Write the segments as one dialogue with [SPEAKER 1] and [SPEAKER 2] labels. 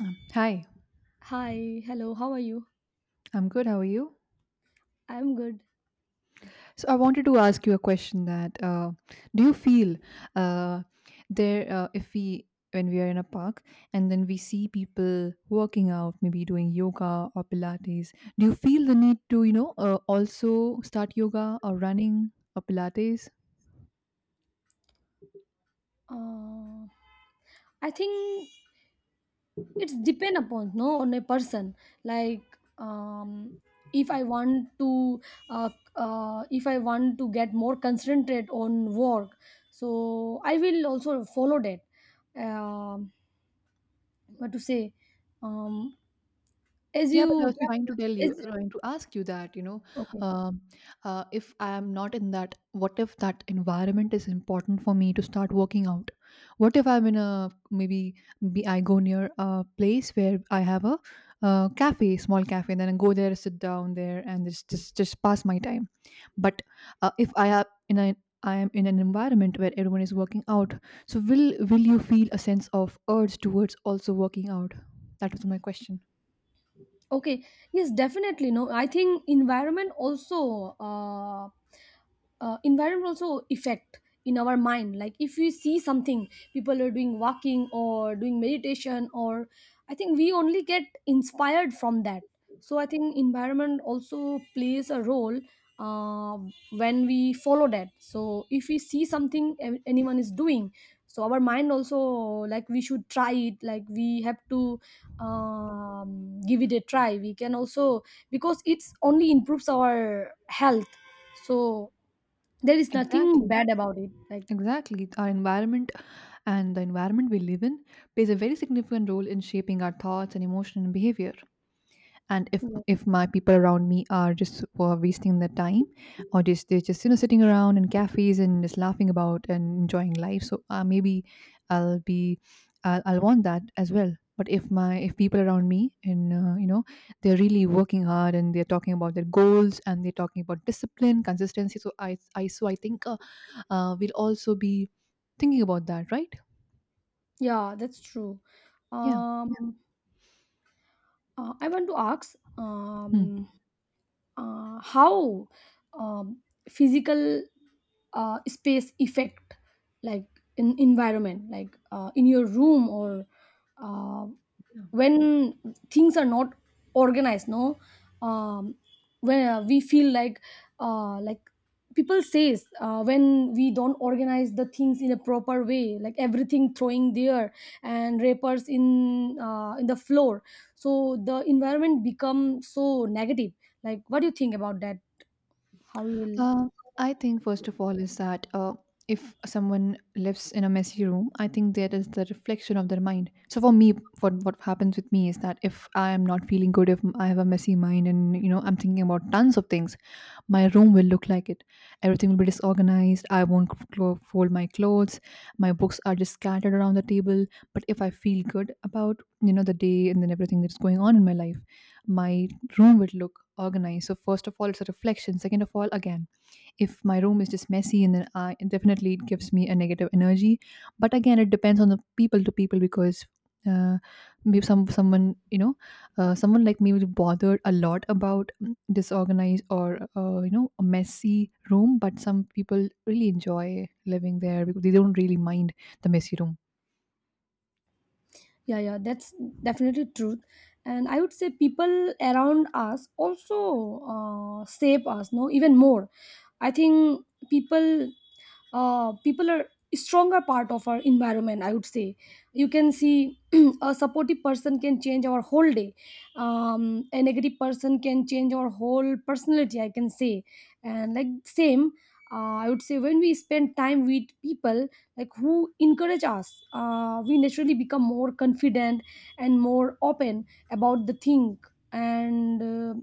[SPEAKER 1] Hi,
[SPEAKER 2] Hi, hello, how are you?
[SPEAKER 1] I'm good. How are you?
[SPEAKER 2] I'm good.
[SPEAKER 1] So I wanted to ask you a question that do you feel uh, there if we when we are in a park and then we see people working out, maybe doing yoga or Pilates, do you feel the need to also start yoga or running or Pilates?
[SPEAKER 2] Uh, I think it's depend upon no on a person. Like um, if I want to uh, if I want to get more concentrate on work, so I will also follow that. Um, what to say? Um, as
[SPEAKER 1] Yeah, but I was
[SPEAKER 2] you
[SPEAKER 1] trying to tell
[SPEAKER 2] is
[SPEAKER 1] you, trying to ask you that,
[SPEAKER 2] okay.
[SPEAKER 1] um, if I am not in that, what if that environment is important for me to start working out? What if I'm in a I go near a place where I have a cafe, small cafe, and then I go there, sit down there, and just pass my time. But if I am in a I am in an environment where everyone is working out, so will you feel a sense of urge towards also working out? That was my question.
[SPEAKER 2] Okay, yes, definitely no I think environment also effect in our mind. Like if we see something, people are doing walking or doing meditation, or I think we only get inspired from that. So I think environment also plays a role uh, when we follow that. So if we see something anyone is doing, so our mind also, like, we should try it, like we have to give it a try, we can also, because it's only improves our health. So there is nothing
[SPEAKER 1] Exactly.
[SPEAKER 2] bad about it. Like,
[SPEAKER 1] Exactly. Our environment and the environment we live in plays a very significant role in shaping our thoughts and emotion and behavior. And if
[SPEAKER 2] yeah,
[SPEAKER 1] if my people around me are just wasting their time, or just they're just you know sitting around in cafes and just laughing about and enjoying life, so maybe I'll be I'll want that as well. But if people around me and you know they're really working hard and they're talking about their goals and they're talking about discipline, consistency, so I think we'll also be thinking about that, right?
[SPEAKER 2] yeah, that's true.
[SPEAKER 1] Yeah.
[SPEAKER 2] Um, I want to ask,
[SPEAKER 1] Hmm.
[SPEAKER 2] how um, physical space effect, like in environment, like in your room or uh,
[SPEAKER 1] Yeah.
[SPEAKER 2] when things are not organized no, um, when we feel like people says when we don't organize the things in a proper way, like everything throwing there and wrappers in the floor, so the environment become so negative. Like what do you think about that? How you will.
[SPEAKER 1] Uh, I think first of all is that if someone lives in a messy room, I think that is the reflection of their mind. So for me, what happens with me is that if I am not feeling good, if I have a messy mind, and you know I'm thinking about tons of things, my room will look like it. Everything will be disorganized. I won't clo- fold my clothes. My books are just scattered around the table. But if I feel good about, you know, the day and then everything that's going on in my life, my room would look organized. So, first of all, it's a reflection. Second of all, again, if my room is just messy and then I definitely it gives me a negative energy. But again, it depends on the people to people because uh, maybe someone you know someone like me was bothered a lot about disorganized or you know a messy room, but some people really enjoy living there because they don't really mind the messy room.
[SPEAKER 2] Yeah, yeah, that's definitely truth. And I would say people around us also shape us, no, even more. I think people people are stronger part of our environment, I would say. You can see a supportive person can change our whole day. A negative person can change our whole personality, I can say. And like same, I would say, when we spend time with people like who encourage us, we naturally become more confident and more open about the thing. And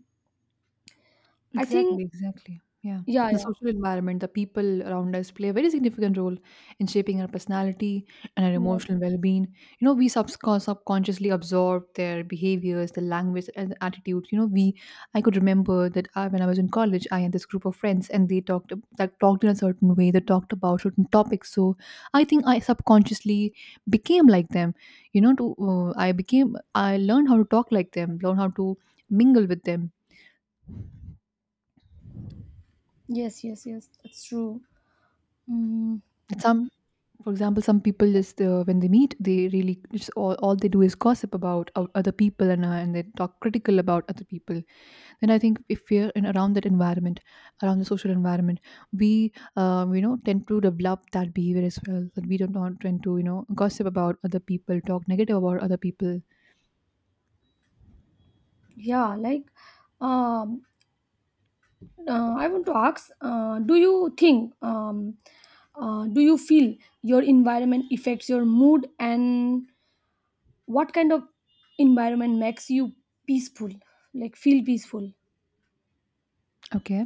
[SPEAKER 2] I
[SPEAKER 1] Exactly,
[SPEAKER 2] think,
[SPEAKER 1] exactly. Yeah. The
[SPEAKER 2] yeah,
[SPEAKER 1] social environment, the people around us play a very significant role in shaping our personality and our
[SPEAKER 2] yeah.
[SPEAKER 1] emotional well being. You know, we subscon- subconsciously absorb their behaviors, the language, and the attitudes. You know, I could remember that when I was in college, I had this group of friends and they talked, ab- that talked in a certain way, they talked about certain topics. So I think I subconsciously became like them. You know, I learned how to talk like them, learn how to mingle with them.
[SPEAKER 2] Yes, yes, yes, that's true. Mm,
[SPEAKER 1] At some For example, some people just when they meet, they really just all they do is gossip about o- other people and they talk critical about other people. Then I think if we're in around that environment, around the social environment, we you know tend to develop that behavior as well. That we do not tend to you know gossip about other people, talk negative about other people.
[SPEAKER 2] yeah, like, um, I want to ask, do you think, do you feel your environment affects your mood, and what kind of environment makes you peaceful, like feel peaceful?
[SPEAKER 1] Okay,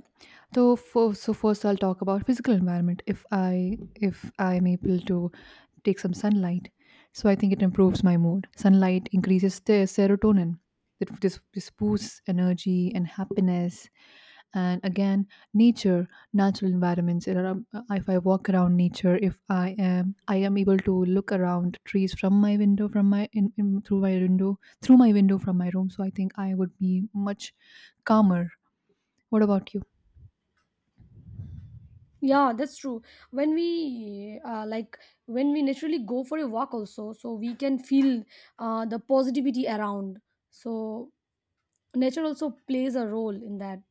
[SPEAKER 1] so so first I'll talk about physical environment. If I if I'm able to take some sunlight. So I think it improves my mood. Sunlight increases the serotonin. It this boosts energy and happiness. And again, nature, natural environments. There are- If I walk around nature, if I am able to look around trees from my window, from my in, through my window from my room. So I think I would be much calmer. What about you?
[SPEAKER 2] Yeah, that's true. When we like when we naturally go for a walk, also, so we can feel the positivity around. So nature also plays a role in that.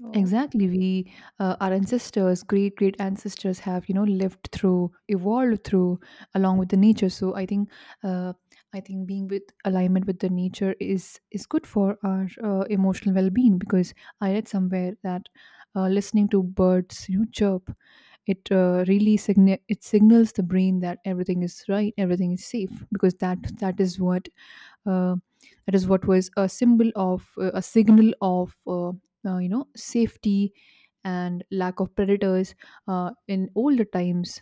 [SPEAKER 2] So.
[SPEAKER 1] Exactly. Our ancestors, great great ancestors, have you know lived through, evolved through, along with the nature. So uh, I think being with alignment with the nature is good for our emotional well being. Because I read somewhere that listening to birds, you know, chirp, it really signi- it signals the brain that everything is right, everything is safe. Because that is what uh, that is what was a symbol of a signal of. You know safety and lack of predators in older times.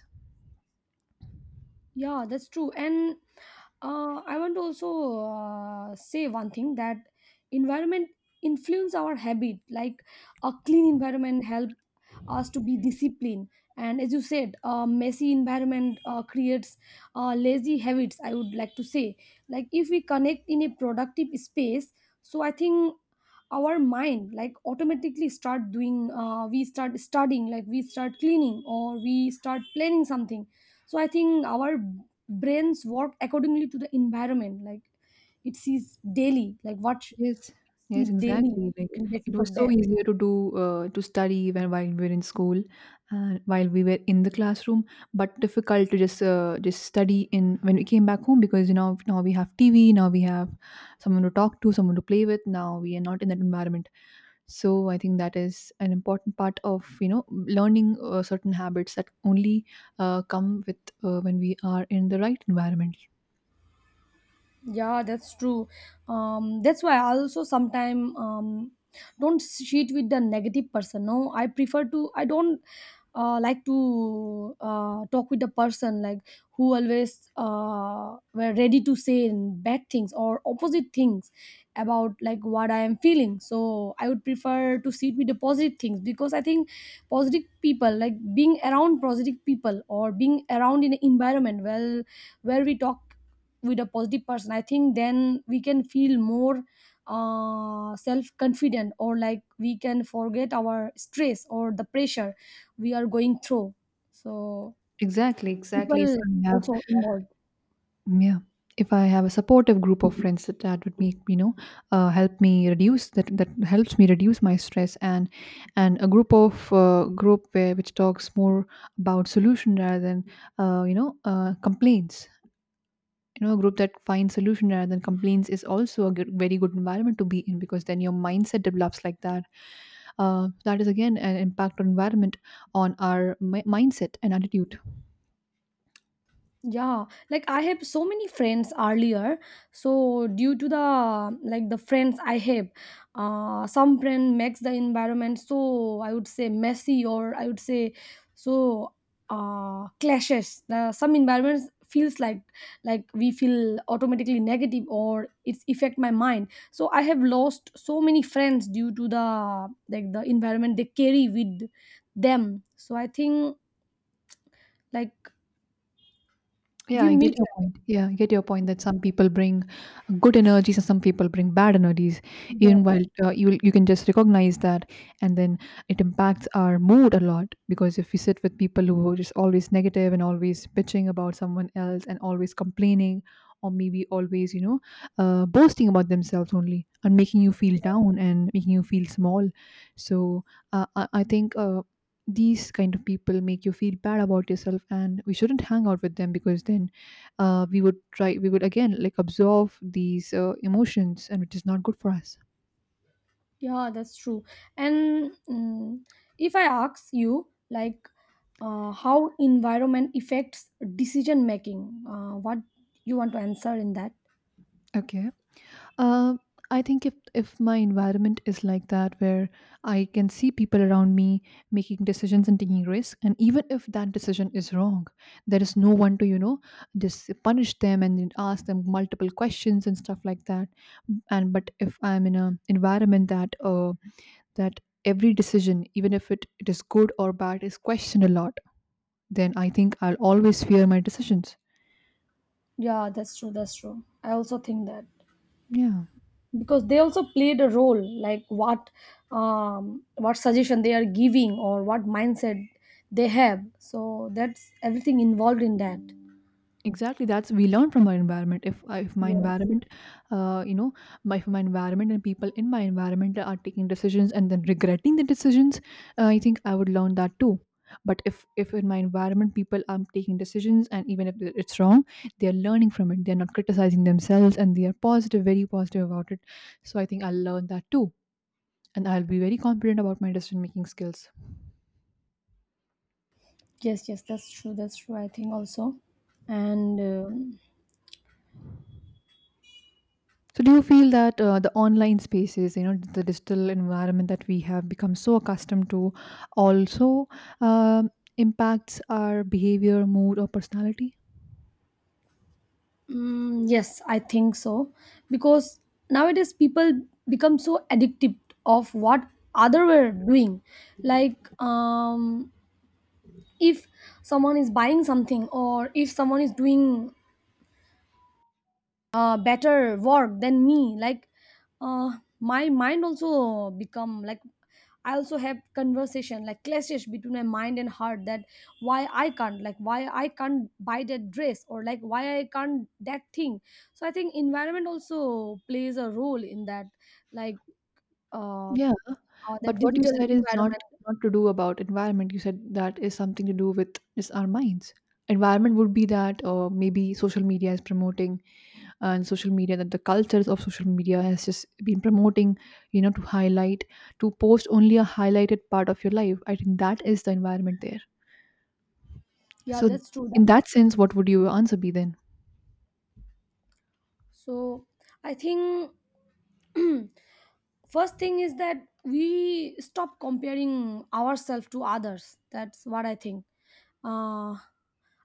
[SPEAKER 2] Yeah, that's true. And I want to also say one thing that environment influence our habit. Like a clean environment help us to be disciplined. And as you said, a messy environment creates lazy habits, I would like to say. Like if we connect in a productive space, so I think our mind like automatically start doing, we start studying, like we start cleaning or we start planning something. So I think our brains work accordingly to the environment, like it sees daily, like what she
[SPEAKER 1] Yes,
[SPEAKER 2] see
[SPEAKER 1] yes,
[SPEAKER 2] daily
[SPEAKER 1] exactly, like
[SPEAKER 2] in basis
[SPEAKER 1] it was
[SPEAKER 2] of
[SPEAKER 1] so
[SPEAKER 2] that.
[SPEAKER 1] easier to do to study when while we were in school and while we were in the classroom, but difficult to just study in when we came back home because you know now we have tv, now we have someone to talk to, someone to play with, now we are not in that environment. So I think that is an important part of you know learning certain habits that only come with when we are in the right environment.
[SPEAKER 2] Yeah, that's true. That's why I also sometimes don't cheat with the negative person. No, I prefer to. I don't like to talk with the person like who always were ready to say bad things or opposite things about like what I am feeling. So I would prefer to sit with the positive things, because I think positive people, like being around positive people or being around in an environment well where we talk with a positive person, I think then we can feel more self-confident, or like we can forget our stress or the pressure we are going through. So
[SPEAKER 1] Exactly, exactly. If
[SPEAKER 2] people
[SPEAKER 1] I have
[SPEAKER 2] also involved.
[SPEAKER 1] yeah, if I have a supportive group of friends that, that would make you know help me reduce that, helps me reduce my stress, and a group of group where which talks more about solution rather than you know complaints. You know a group that finds solution rather than complaints is also a good, very good environment to be in because then your mindset develops like that. That is again an impact on environment, on our mi- mindset and attitude.
[SPEAKER 2] Yeah, like I have so many friends earlier. So due to the like the friends I have, some friend makes the environment, so I would say messy, or I would say so clashes. The some environments feels like we feel automatically negative, or it's affect my mind. So I have lost so many friends due to the like the environment they carry with them. So I think, like,
[SPEAKER 1] Yeah,
[SPEAKER 2] we
[SPEAKER 1] I get
[SPEAKER 2] meet.
[SPEAKER 1] your point. Yeah, I get your point that some people bring good energies and some people bring bad energies. Even
[SPEAKER 2] Yeah.
[SPEAKER 1] while you can just recognize that, and then it impacts our mood a lot because if we sit with people who are just always negative and always bitching about someone else and always complaining, or maybe always you know boasting about themselves only and making you feel down and making you feel small. So I think. These kind of people make you feel bad about yourself and we shouldn't hang out with them because then we would try, we would again like absorb these emotions, and which is not good for us.
[SPEAKER 2] Yeah, that's true. And mm, if I ask you, like, how environment affects decision making, what you want to answer in that?
[SPEAKER 1] Okay. uh, I think if my environment is like that, where I can see people around me making decisions and taking risks, and even if that decision is wrong, there is no one to you know just punish them and then ask them multiple questions and stuff like that. And but if I'm in a environment that every decision, even if it is good or bad, is questioned a lot, then I think I'll always fear my decisions.
[SPEAKER 2] Yeah, that's true. That's true. I also think that,
[SPEAKER 1] Yeah,
[SPEAKER 2] because they also played a role, like what suggestion they are giving, or what mindset they have. So that's everything involved in that.
[SPEAKER 1] exactly. That's we learn from our environment. If my
[SPEAKER 2] Yes.
[SPEAKER 1] environment, you know, my if my environment and people in my environment are taking decisions and then regretting the decisions, I think I would learn that too. But if in my environment people are taking decisions and even if it's wrong, they are learning from it. They are not criticizing themselves and they are positive, very positive about it. So I think I'll learn that too, and I'll be very confident about my decision making skills.
[SPEAKER 2] Yes, yes, that's true. That's true. I think also, and
[SPEAKER 1] So, do you feel that the online spaces, you know, the digital environment that we have become so accustomed to, also um impacts our behavior, mood, or personality?
[SPEAKER 2] mm, yes, I think so, because nowadays people become so addicted of what other were doing. Like, if someone is buying something, or if someone is doing better work than me, like uh, my mind also become like, I also have conversation, like clashes between my mind and heart, that why I can't, like why I can't buy that dress, or like why I can't that thing. So I think environment also plays a role in that, like uh,
[SPEAKER 1] Yeah,
[SPEAKER 2] the
[SPEAKER 1] but what you
[SPEAKER 2] digital
[SPEAKER 1] said is not
[SPEAKER 2] environment.
[SPEAKER 1] not to do about environment. You said that is something to do with is our minds. Environment would be that, or maybe social media is promoting and social media that the cultures of social media has just been promoting you know to highlight to post only a highlighted part of your life, I think that is the environment there.
[SPEAKER 2] Yeah,
[SPEAKER 1] So
[SPEAKER 2] that's true.
[SPEAKER 1] in that sense, what would your answer be then?
[SPEAKER 2] So I think first thing is that we stop comparing ourselves to others. That's what I think. Uh,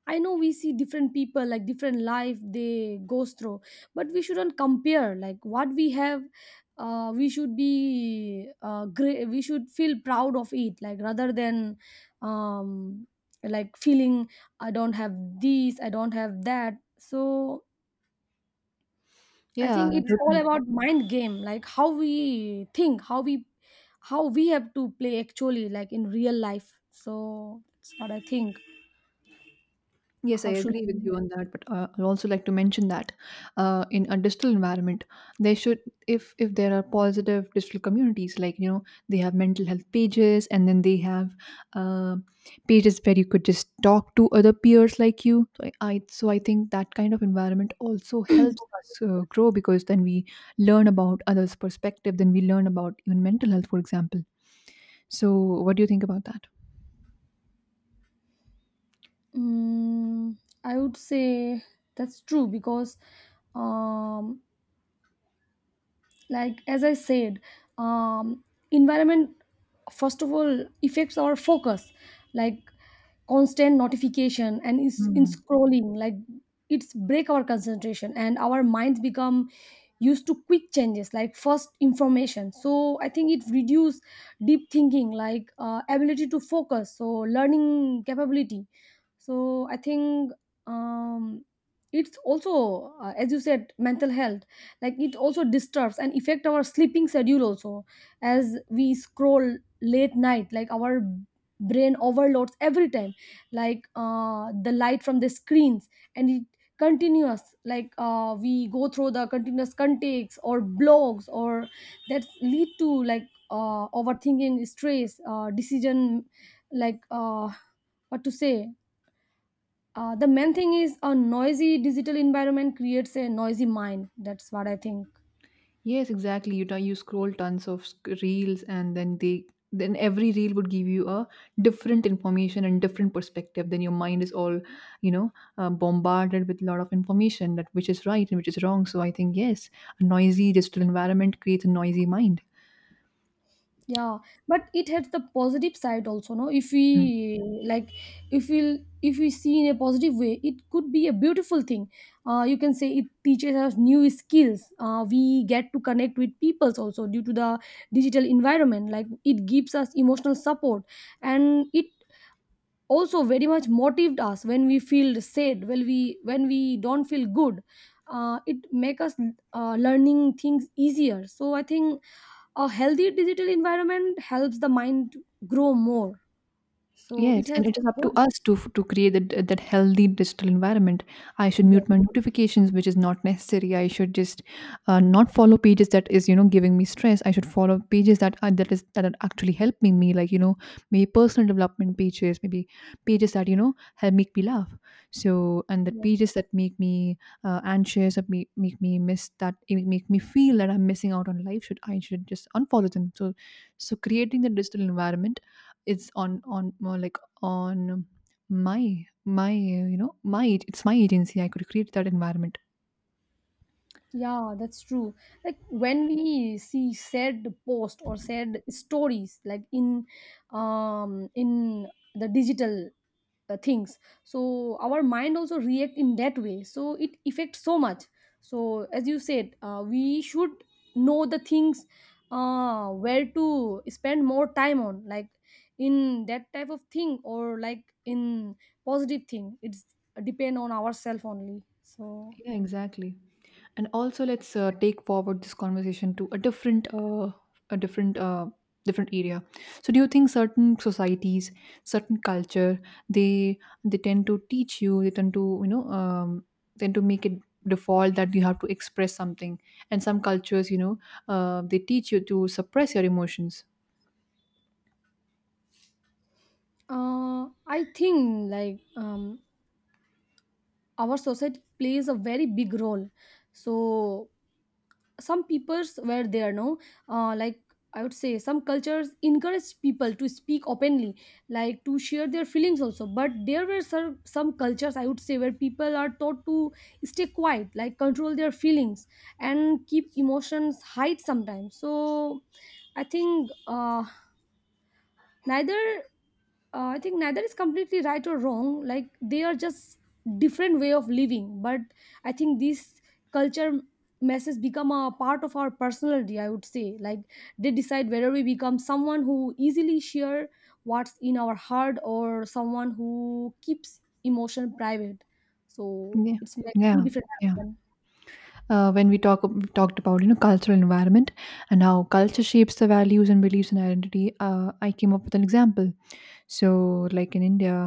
[SPEAKER 2] I know we see different people, like different life they goes through, but we shouldn't compare. Like what we have, we should be great. We should feel proud of it, like, rather than um, like feeling I don't have this, I don't have that. So I
[SPEAKER 1] Yeah,
[SPEAKER 2] think it's all
[SPEAKER 1] totally.
[SPEAKER 2] about mind game, like how we think, how we, how we have to play actually, like in real life. So that's what I think.
[SPEAKER 1] Yes, I
[SPEAKER 2] How should
[SPEAKER 1] agree with you on that, but I'd also like to mention that in a digital environment, they should, if there are positive digital communities, like you know, they have mental health pages, and then they have uh, pages where you could just talk to other peers like you. So I so I think that kind of environment also helps us grow because then we learn about others' perspective, then we learn about even mental health, for example. So, what do you think about
[SPEAKER 2] mm, I would say that's true, because um, like as I said, um, environment first of all affects our focus, like constant notification and is in
[SPEAKER 1] that?
[SPEAKER 2] scrolling, like it's break our concentration, and our minds become used to quick changes like first information. So I think it reduce deep thinking, like ability to focus, so learning capability. So I think um, it's also as you said, mental health, like it also disturbs and affect our sleeping schedule also, as we scroll late night, like our brain overloads every time, like the light from the screens, and it continuous, like we go through the continuous contacts or blogs, or that lead to like overthinking, stress, decision, like what to say, the main thing is a noisy digital environment creates a noisy mind. That's what I think.
[SPEAKER 1] Yes, exactly. You scroll tons of reels, and then every reel would give you a different information and different perspective. Then your mind is all, you know, bombarded with a lot of information that which is right and which is wrong. So I think yes, a noisy digital environment creates a noisy mind.
[SPEAKER 2] Yeah, but it has the positive side also, no? If
[SPEAKER 1] Hmm.
[SPEAKER 2] we like, if we, if we see in a positive way, it could be a beautiful thing. You can say it teaches us new skills, we get to connect with peoples also due to the digital environment, like it gives us emotional support, and it also very much motivated us when we feel sad, when we, when we don't feel good. It make us learning things easier. So I think a healthy digital environment helps the mind grow more. So it
[SPEAKER 1] Yes, and
[SPEAKER 2] has
[SPEAKER 1] it is up to
[SPEAKER 2] both.
[SPEAKER 1] us to create that healthy digital environment. I should
[SPEAKER 2] Yes,
[SPEAKER 1] mute my notifications, which is not necessary. I should just not follow pages that is giving me stress. I should follow pages that are actually helping me, like, you know, maybe personal development pages, maybe pages that, you know, help make me laugh. So and the
[SPEAKER 2] yes,
[SPEAKER 1] pages
[SPEAKER 2] yes.
[SPEAKER 1] that make me anxious, that make me feel that I'm missing out on life. Should I should just unfollow them. So so creating the digital environment, it's on more like on my you know my it's my agency. I could create that environment.
[SPEAKER 2] Yeah, that's true. Like when we see sad post or sad stories, like in the digital things, so our mind also react in that way, so it affects so much. So as you said, we should know the things where to spend more time on, like in that type of thing, or like in positive thing. It's depend on ourself only. So
[SPEAKER 1] Yeah, exactly. And also let's take forward this conversation to a different different area. So do you think certain societies, certain culture, they they tend to teach you, they tend to, you know, tend to make it default that you have to express something, and some cultures, you know, they teach you to suppress your emotions?
[SPEAKER 2] I think, like, our society plays a very big role. So some peoples were there, no, like I would say some cultures encourage people to speak openly, like to share their feelings also, but there were some cultures I would say where people are taught to stay quiet, like control their feelings and keep emotions hide sometimes. So I think neither I think neither is completely right or wrong, like they are just different way of living. But I think this culture messes become a part of our personality, I would say, like they decide whether we become someone who easily share what's in our heart, or someone who keeps emotion private. So
[SPEAKER 1] Yeah,
[SPEAKER 2] it's like two
[SPEAKER 1] yeah,
[SPEAKER 2] different
[SPEAKER 1] yeah.
[SPEAKER 2] person.
[SPEAKER 1] When we talked about, you know, cultural environment and how culture shapes the values and beliefs and identity, I came up with an example. So like in India,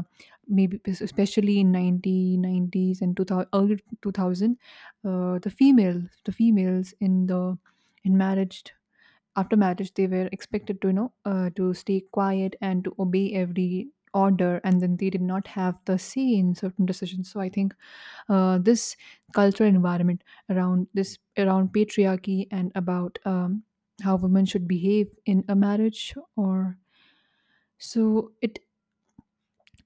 [SPEAKER 1] maybe especially in 1990s and 2000, early 2000, the females in the in marriage, after marriage, they were expected to, you know, to stay quiet and to obey every order, and then they did not have the say in certain decisions. So I think this cultural environment around this, around patriarchy, and about, how women should behave in a marriage or, so it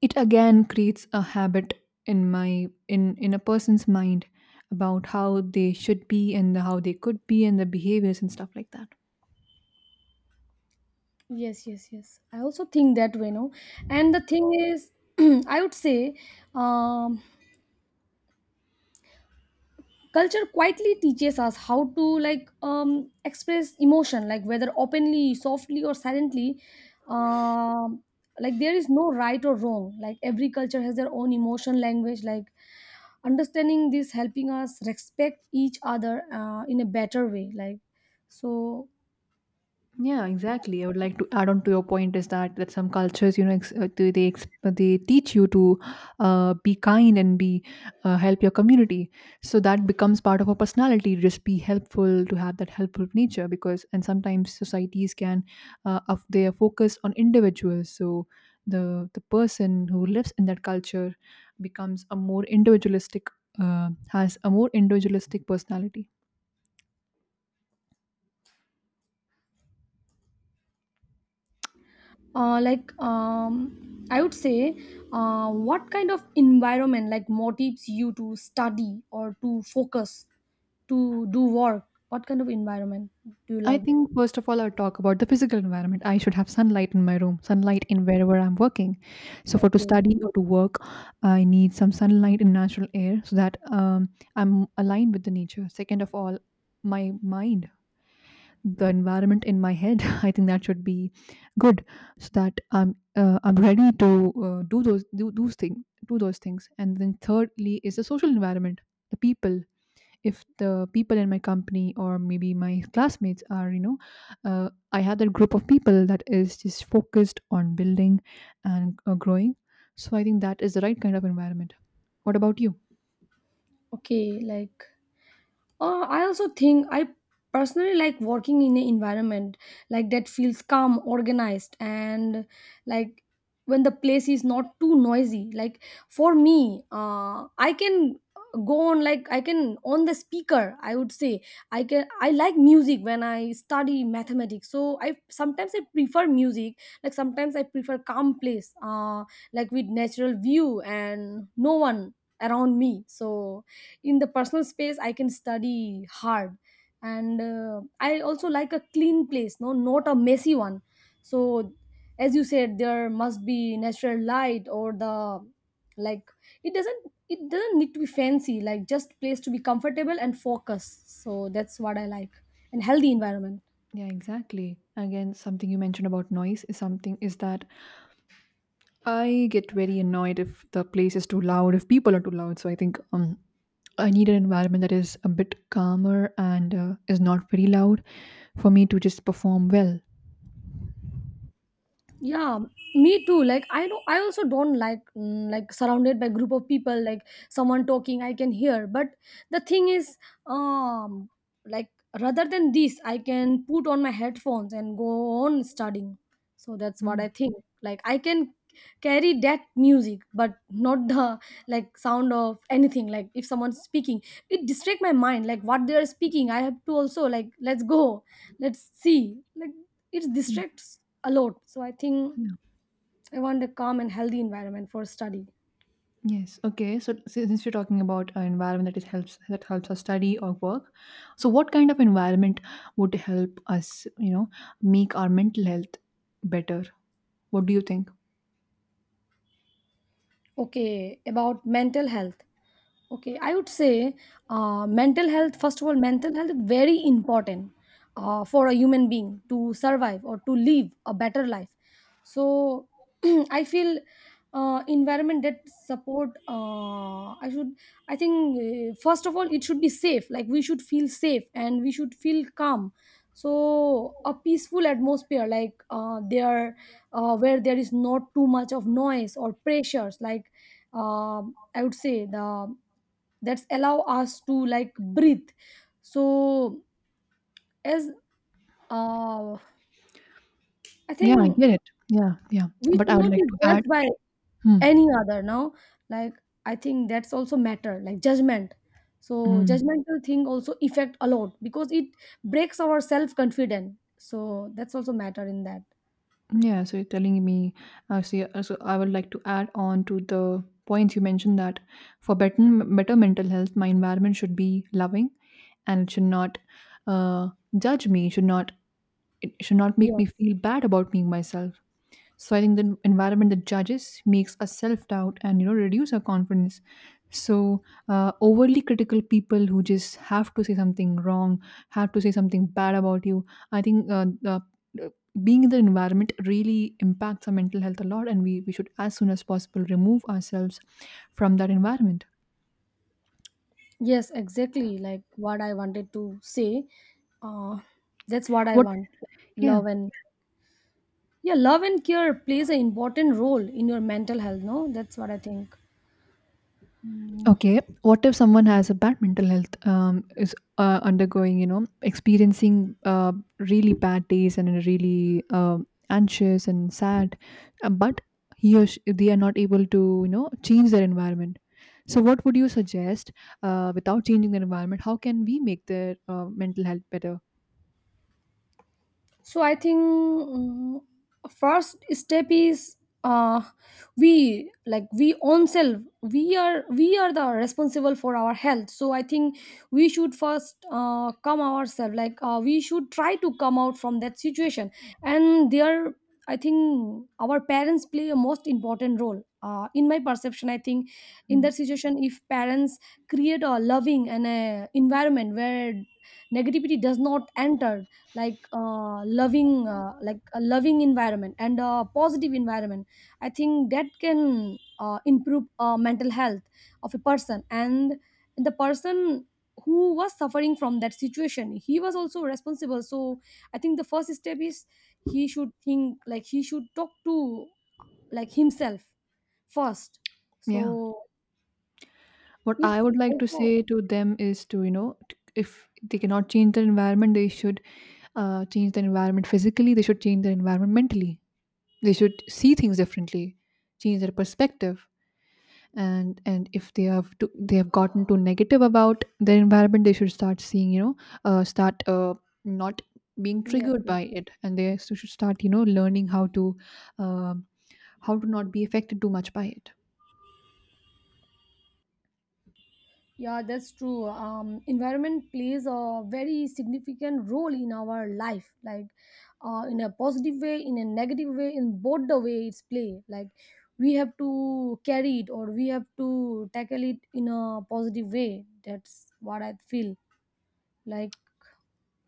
[SPEAKER 1] it again creates a habit in my in a person's mind about how they should be and how they could be, and the behaviors and stuff like that.
[SPEAKER 2] Yes, yes, yes, I also think that way, no. And the thing is I would say um culture quietly teaches us how to, like, express emotion, like whether openly, softly, or silently. um, like there is no right or wrong, like every culture has their own emotion language, like understanding this helping us respect each other in a better way, like so.
[SPEAKER 1] Yeah, exactly. I would like to add on to your point is that that some cultures, you know, they teach you to be kind and be help your community. So that becomes part of our personality. Just be helpful, to have that helpful nature, because and sometimes societies can of they are focused on individuals. So the person who lives in that culture becomes a more individualistic, has a more individualistic personality.
[SPEAKER 2] Like I would say, what kind of environment, like, motivates you to study or to focus, to do work? What kind of environment do you
[SPEAKER 1] I
[SPEAKER 2] like?
[SPEAKER 1] think first of all, I'll talk about the physical environment. I should have sunlight in my room, sunlight in wherever I'm working. So for to
[SPEAKER 2] Okay,
[SPEAKER 1] study or to work, I need some sunlight and natural air, so that I'm aligned with the nature. Second of all, my mind, the environment in my head. I think that should be good, so that I'm ready to do those things. And then thirdly is the social environment, the people. If the people in my company or maybe my classmates are, you know, I had that group of people that is just focused on building and growing, so I think that is the right kind of environment. What about you?
[SPEAKER 2] okay, like I also think I personally like working in an environment like that feels calm, organized, and like when the place is not too noisy. Like for me, I can go on, like I can on the speaker. I would say I can. I like music when I study mathematics. So I sometimes I prefer music. Like sometimes I prefer calm place, like with natural view and no one around me. So in the personal space I can study hard and I also like a clean place, no, not a messy one. So as you said, there must be natural light, or the, like it doesn't, it doesn't need to be fancy, like just place to be comfortable and focus. So that's what I like, and healthy environment.
[SPEAKER 1] Yeah, exactly. Again, something you mentioned about noise is something, is that I get very annoyed if the place is too loud, if people are too loud. So I think I need an environment that is a bit calmer and is not very loud for me to just perform well.
[SPEAKER 2] Yeah, me too. Like, I know I also don't like, like surrounded by group of people, like someone talking I can hear, but the thing is, um like, rather than this, I can put on my headphones and go on studying. So that's what
[SPEAKER 1] Mm.
[SPEAKER 2] I think. Like I can carry that music but not the, like, sound of anything. Like if someone's speaking, it distract my mind, like what they are speaking I have to also, like, let's go, let's see, like, it distracts a lot. So I think I want a calm and healthy environment for study.
[SPEAKER 1] Yes. Okay. So since you're talking about an environment that is helps us study or work, so what kind of environment would help us, you know, make our mental health better? What do you think?
[SPEAKER 2] Okay, about mental health. Okay, I would say, mental health, first of all, mental health is very important for a human being to survive or to live a better life. So I feel environment that support, I should, I think, first of all, it should be safe. Like we should feel safe and we should feel calm. So a peaceful atmosphere, like, where there is not too much of noise or pressures, like, I would say the that's allow us to like breathe. so as uh i
[SPEAKER 1] Yeah, I
[SPEAKER 2] think
[SPEAKER 1] get it. Yeah, yeah.
[SPEAKER 2] we
[SPEAKER 1] But I
[SPEAKER 2] should
[SPEAKER 1] would
[SPEAKER 2] not be
[SPEAKER 1] like to add.
[SPEAKER 2] judged by
[SPEAKER 1] Hmm.
[SPEAKER 2] any other now. Like, I think that's also matter, like judgment. So
[SPEAKER 1] Mm.
[SPEAKER 2] judgmental thing also affect a lot because it breaks our self confidence, so that's also matter in that.
[SPEAKER 1] Yeah, so you're telling me, see, so I would like to add on to the points you mentioned that for better mental health, my environment should be loving and it should not uh, judge me, should not, it should not make
[SPEAKER 2] Yes,
[SPEAKER 1] me feel bad about being myself. So I think the environment that judges makes us self doubt and you know reduce our confidence. So overly critical people who just have to say something wrong, have to say something bad about you. I think the- being in the environment really impacts our mental health a lot, and we should as soon as possible remove ourselves from that environment.
[SPEAKER 2] yes, exactly like what I wanted to say. uh that's what I
[SPEAKER 1] What?
[SPEAKER 2] want, like,
[SPEAKER 1] Yeah.
[SPEAKER 2] love and, yeah, love and care plays an important role in your mental health, no? That's what I think. Mm.
[SPEAKER 1] Okay, what if someone has a bad mental health, is undergoing, you know, experiencing really bad days and are really anxious and sad, but he or she, they are not able to, you know, change their environment. So, what would you suggest without changing their environment? How can we make their mental health better?
[SPEAKER 2] So I think, first step is, uh we, like, we own self, we are, we are the responsible for our health, so I think we should first come ourselves, like, we should try to come out from that situation. And there, I think our parents play a most important role, in my perception, I think, in
[SPEAKER 1] Hmm.
[SPEAKER 2] that situation, if parents create a loving and a environment where negativity does not enter, like, loving like a loving environment and a positive environment. I think that can improve mental health of a person. And the person who was suffering from that situation, he was also responsible. So I think the first step is he should think, like he should talk to, like, himself first.
[SPEAKER 1] Yeah.
[SPEAKER 2] So
[SPEAKER 1] What I
[SPEAKER 2] it's
[SPEAKER 1] would like to
[SPEAKER 2] also,
[SPEAKER 1] say to them is to, you know, if they cannot change their environment, they should change their environment physically, they should change their environment mentally. They should see things differently, change their perspective. And if they have to, they have gotten too negative about their environment, they should start seeing, you know, start not being
[SPEAKER 2] yes,
[SPEAKER 1] triggered
[SPEAKER 2] yes.
[SPEAKER 1] by it, and should start, you know, learning um how to not be affected too much by it.
[SPEAKER 2] Yeah, that's true. Environment plays a very significant role in our life, like in a positive way, in a negative way, in both the way it's play. Like we have to carry it or we have to tackle it in a positive way. That's what I feel. Like,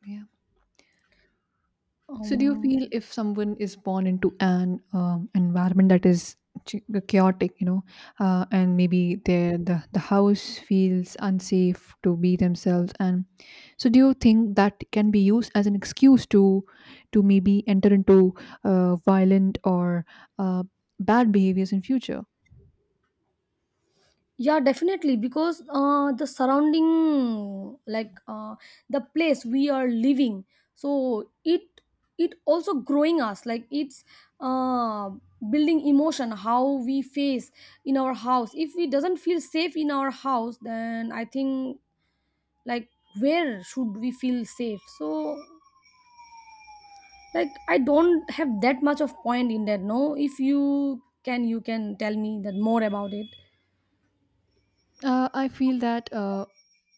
[SPEAKER 1] Yeah. So, do you
[SPEAKER 2] um,
[SPEAKER 1] feel if someone is born into an environment that is ch- chaotic, you know, and maybe their the house feels unsafe to be themselves, and so do you think that can be used as an excuse to maybe enter into violent or uh, bad behaviors in future?
[SPEAKER 2] yeah, definitely, because the surrounding, like, the place we are living, so it also growing us, like it's uh, building emotion how we face in our house. If we doesn't feel safe in our house, then I think, like, where should we feel safe? So, like, I don't have that much of point in that, no? If you can, you can tell me that more about it.
[SPEAKER 1] I feel that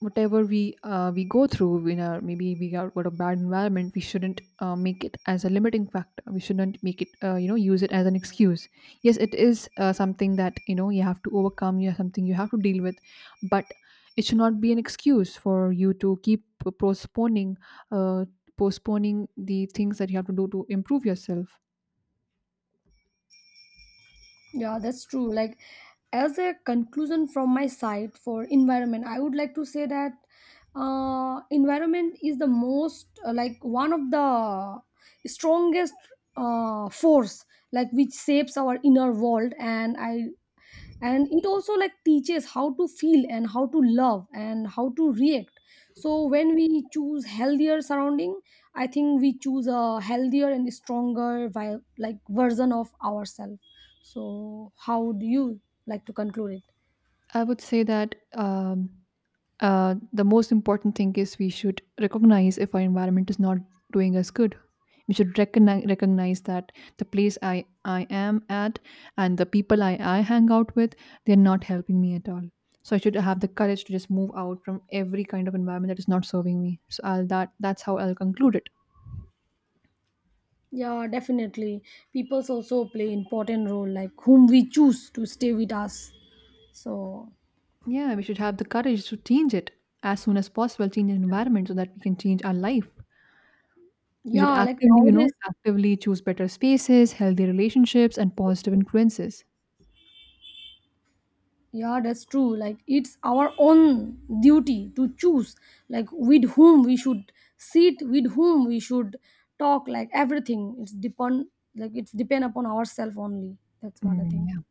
[SPEAKER 1] whatever we go through in our, maybe we got a bad environment, we shouldn't make it as a limiting factor. We shouldn't make it you know, use it as an excuse. Yes, it is something that you know you have to overcome. You have something you have to deal with, but it should not be an excuse for you to keep postponing uh, postponing the things that you have to do to improve yourself.
[SPEAKER 2] Yeah, that's true. Like, as a conclusion from my side for environment, I would like to say that environment is the most, like, one of the strongest force, like, which shapes our inner world. And I and it also, like, teaches how to feel and how to love and how to react. So when we choose healthier surrounding, I think we choose a healthier and stronger version of ourselves. So how do you like to conclude it?
[SPEAKER 1] I would say that. The most important thing is we should recognize if our environment is not doing us good. We should recognize that the place I am at and the people I hang out with, they're not helping me at all. So I should have the courage to just move out from every kind of environment that is not serving me. So that that's how I'll conclude it.
[SPEAKER 2] Yeah, definitely. Peoples also play important role, like whom we choose to stay with us. So,
[SPEAKER 1] Yeah, we should have the courage to change it as soon as possible, change the environment so that we can change our life. We should
[SPEAKER 2] yeah, like
[SPEAKER 1] actively, you know,
[SPEAKER 2] nowadays.
[SPEAKER 1] actively choose better spaces, healthy relationships, and positive influences.
[SPEAKER 2] Yeah, that's true. Like, it's our own duty to choose, like, with whom we should sit, with whom we should talk, like, everything. It's depend, like, it's depend upon ourselves only. That's what I
[SPEAKER 1] Mm,
[SPEAKER 2] think.
[SPEAKER 1] yeah.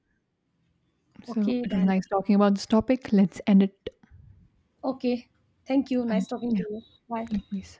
[SPEAKER 1] So
[SPEAKER 2] Okay,
[SPEAKER 1] it was
[SPEAKER 2] then.
[SPEAKER 1] nice talking about this topic. Let's end it
[SPEAKER 2] Okay. Thank you.
[SPEAKER 1] by,
[SPEAKER 2] Nice talking to
[SPEAKER 1] yeah,
[SPEAKER 2] you. Bye.
[SPEAKER 1] likewise.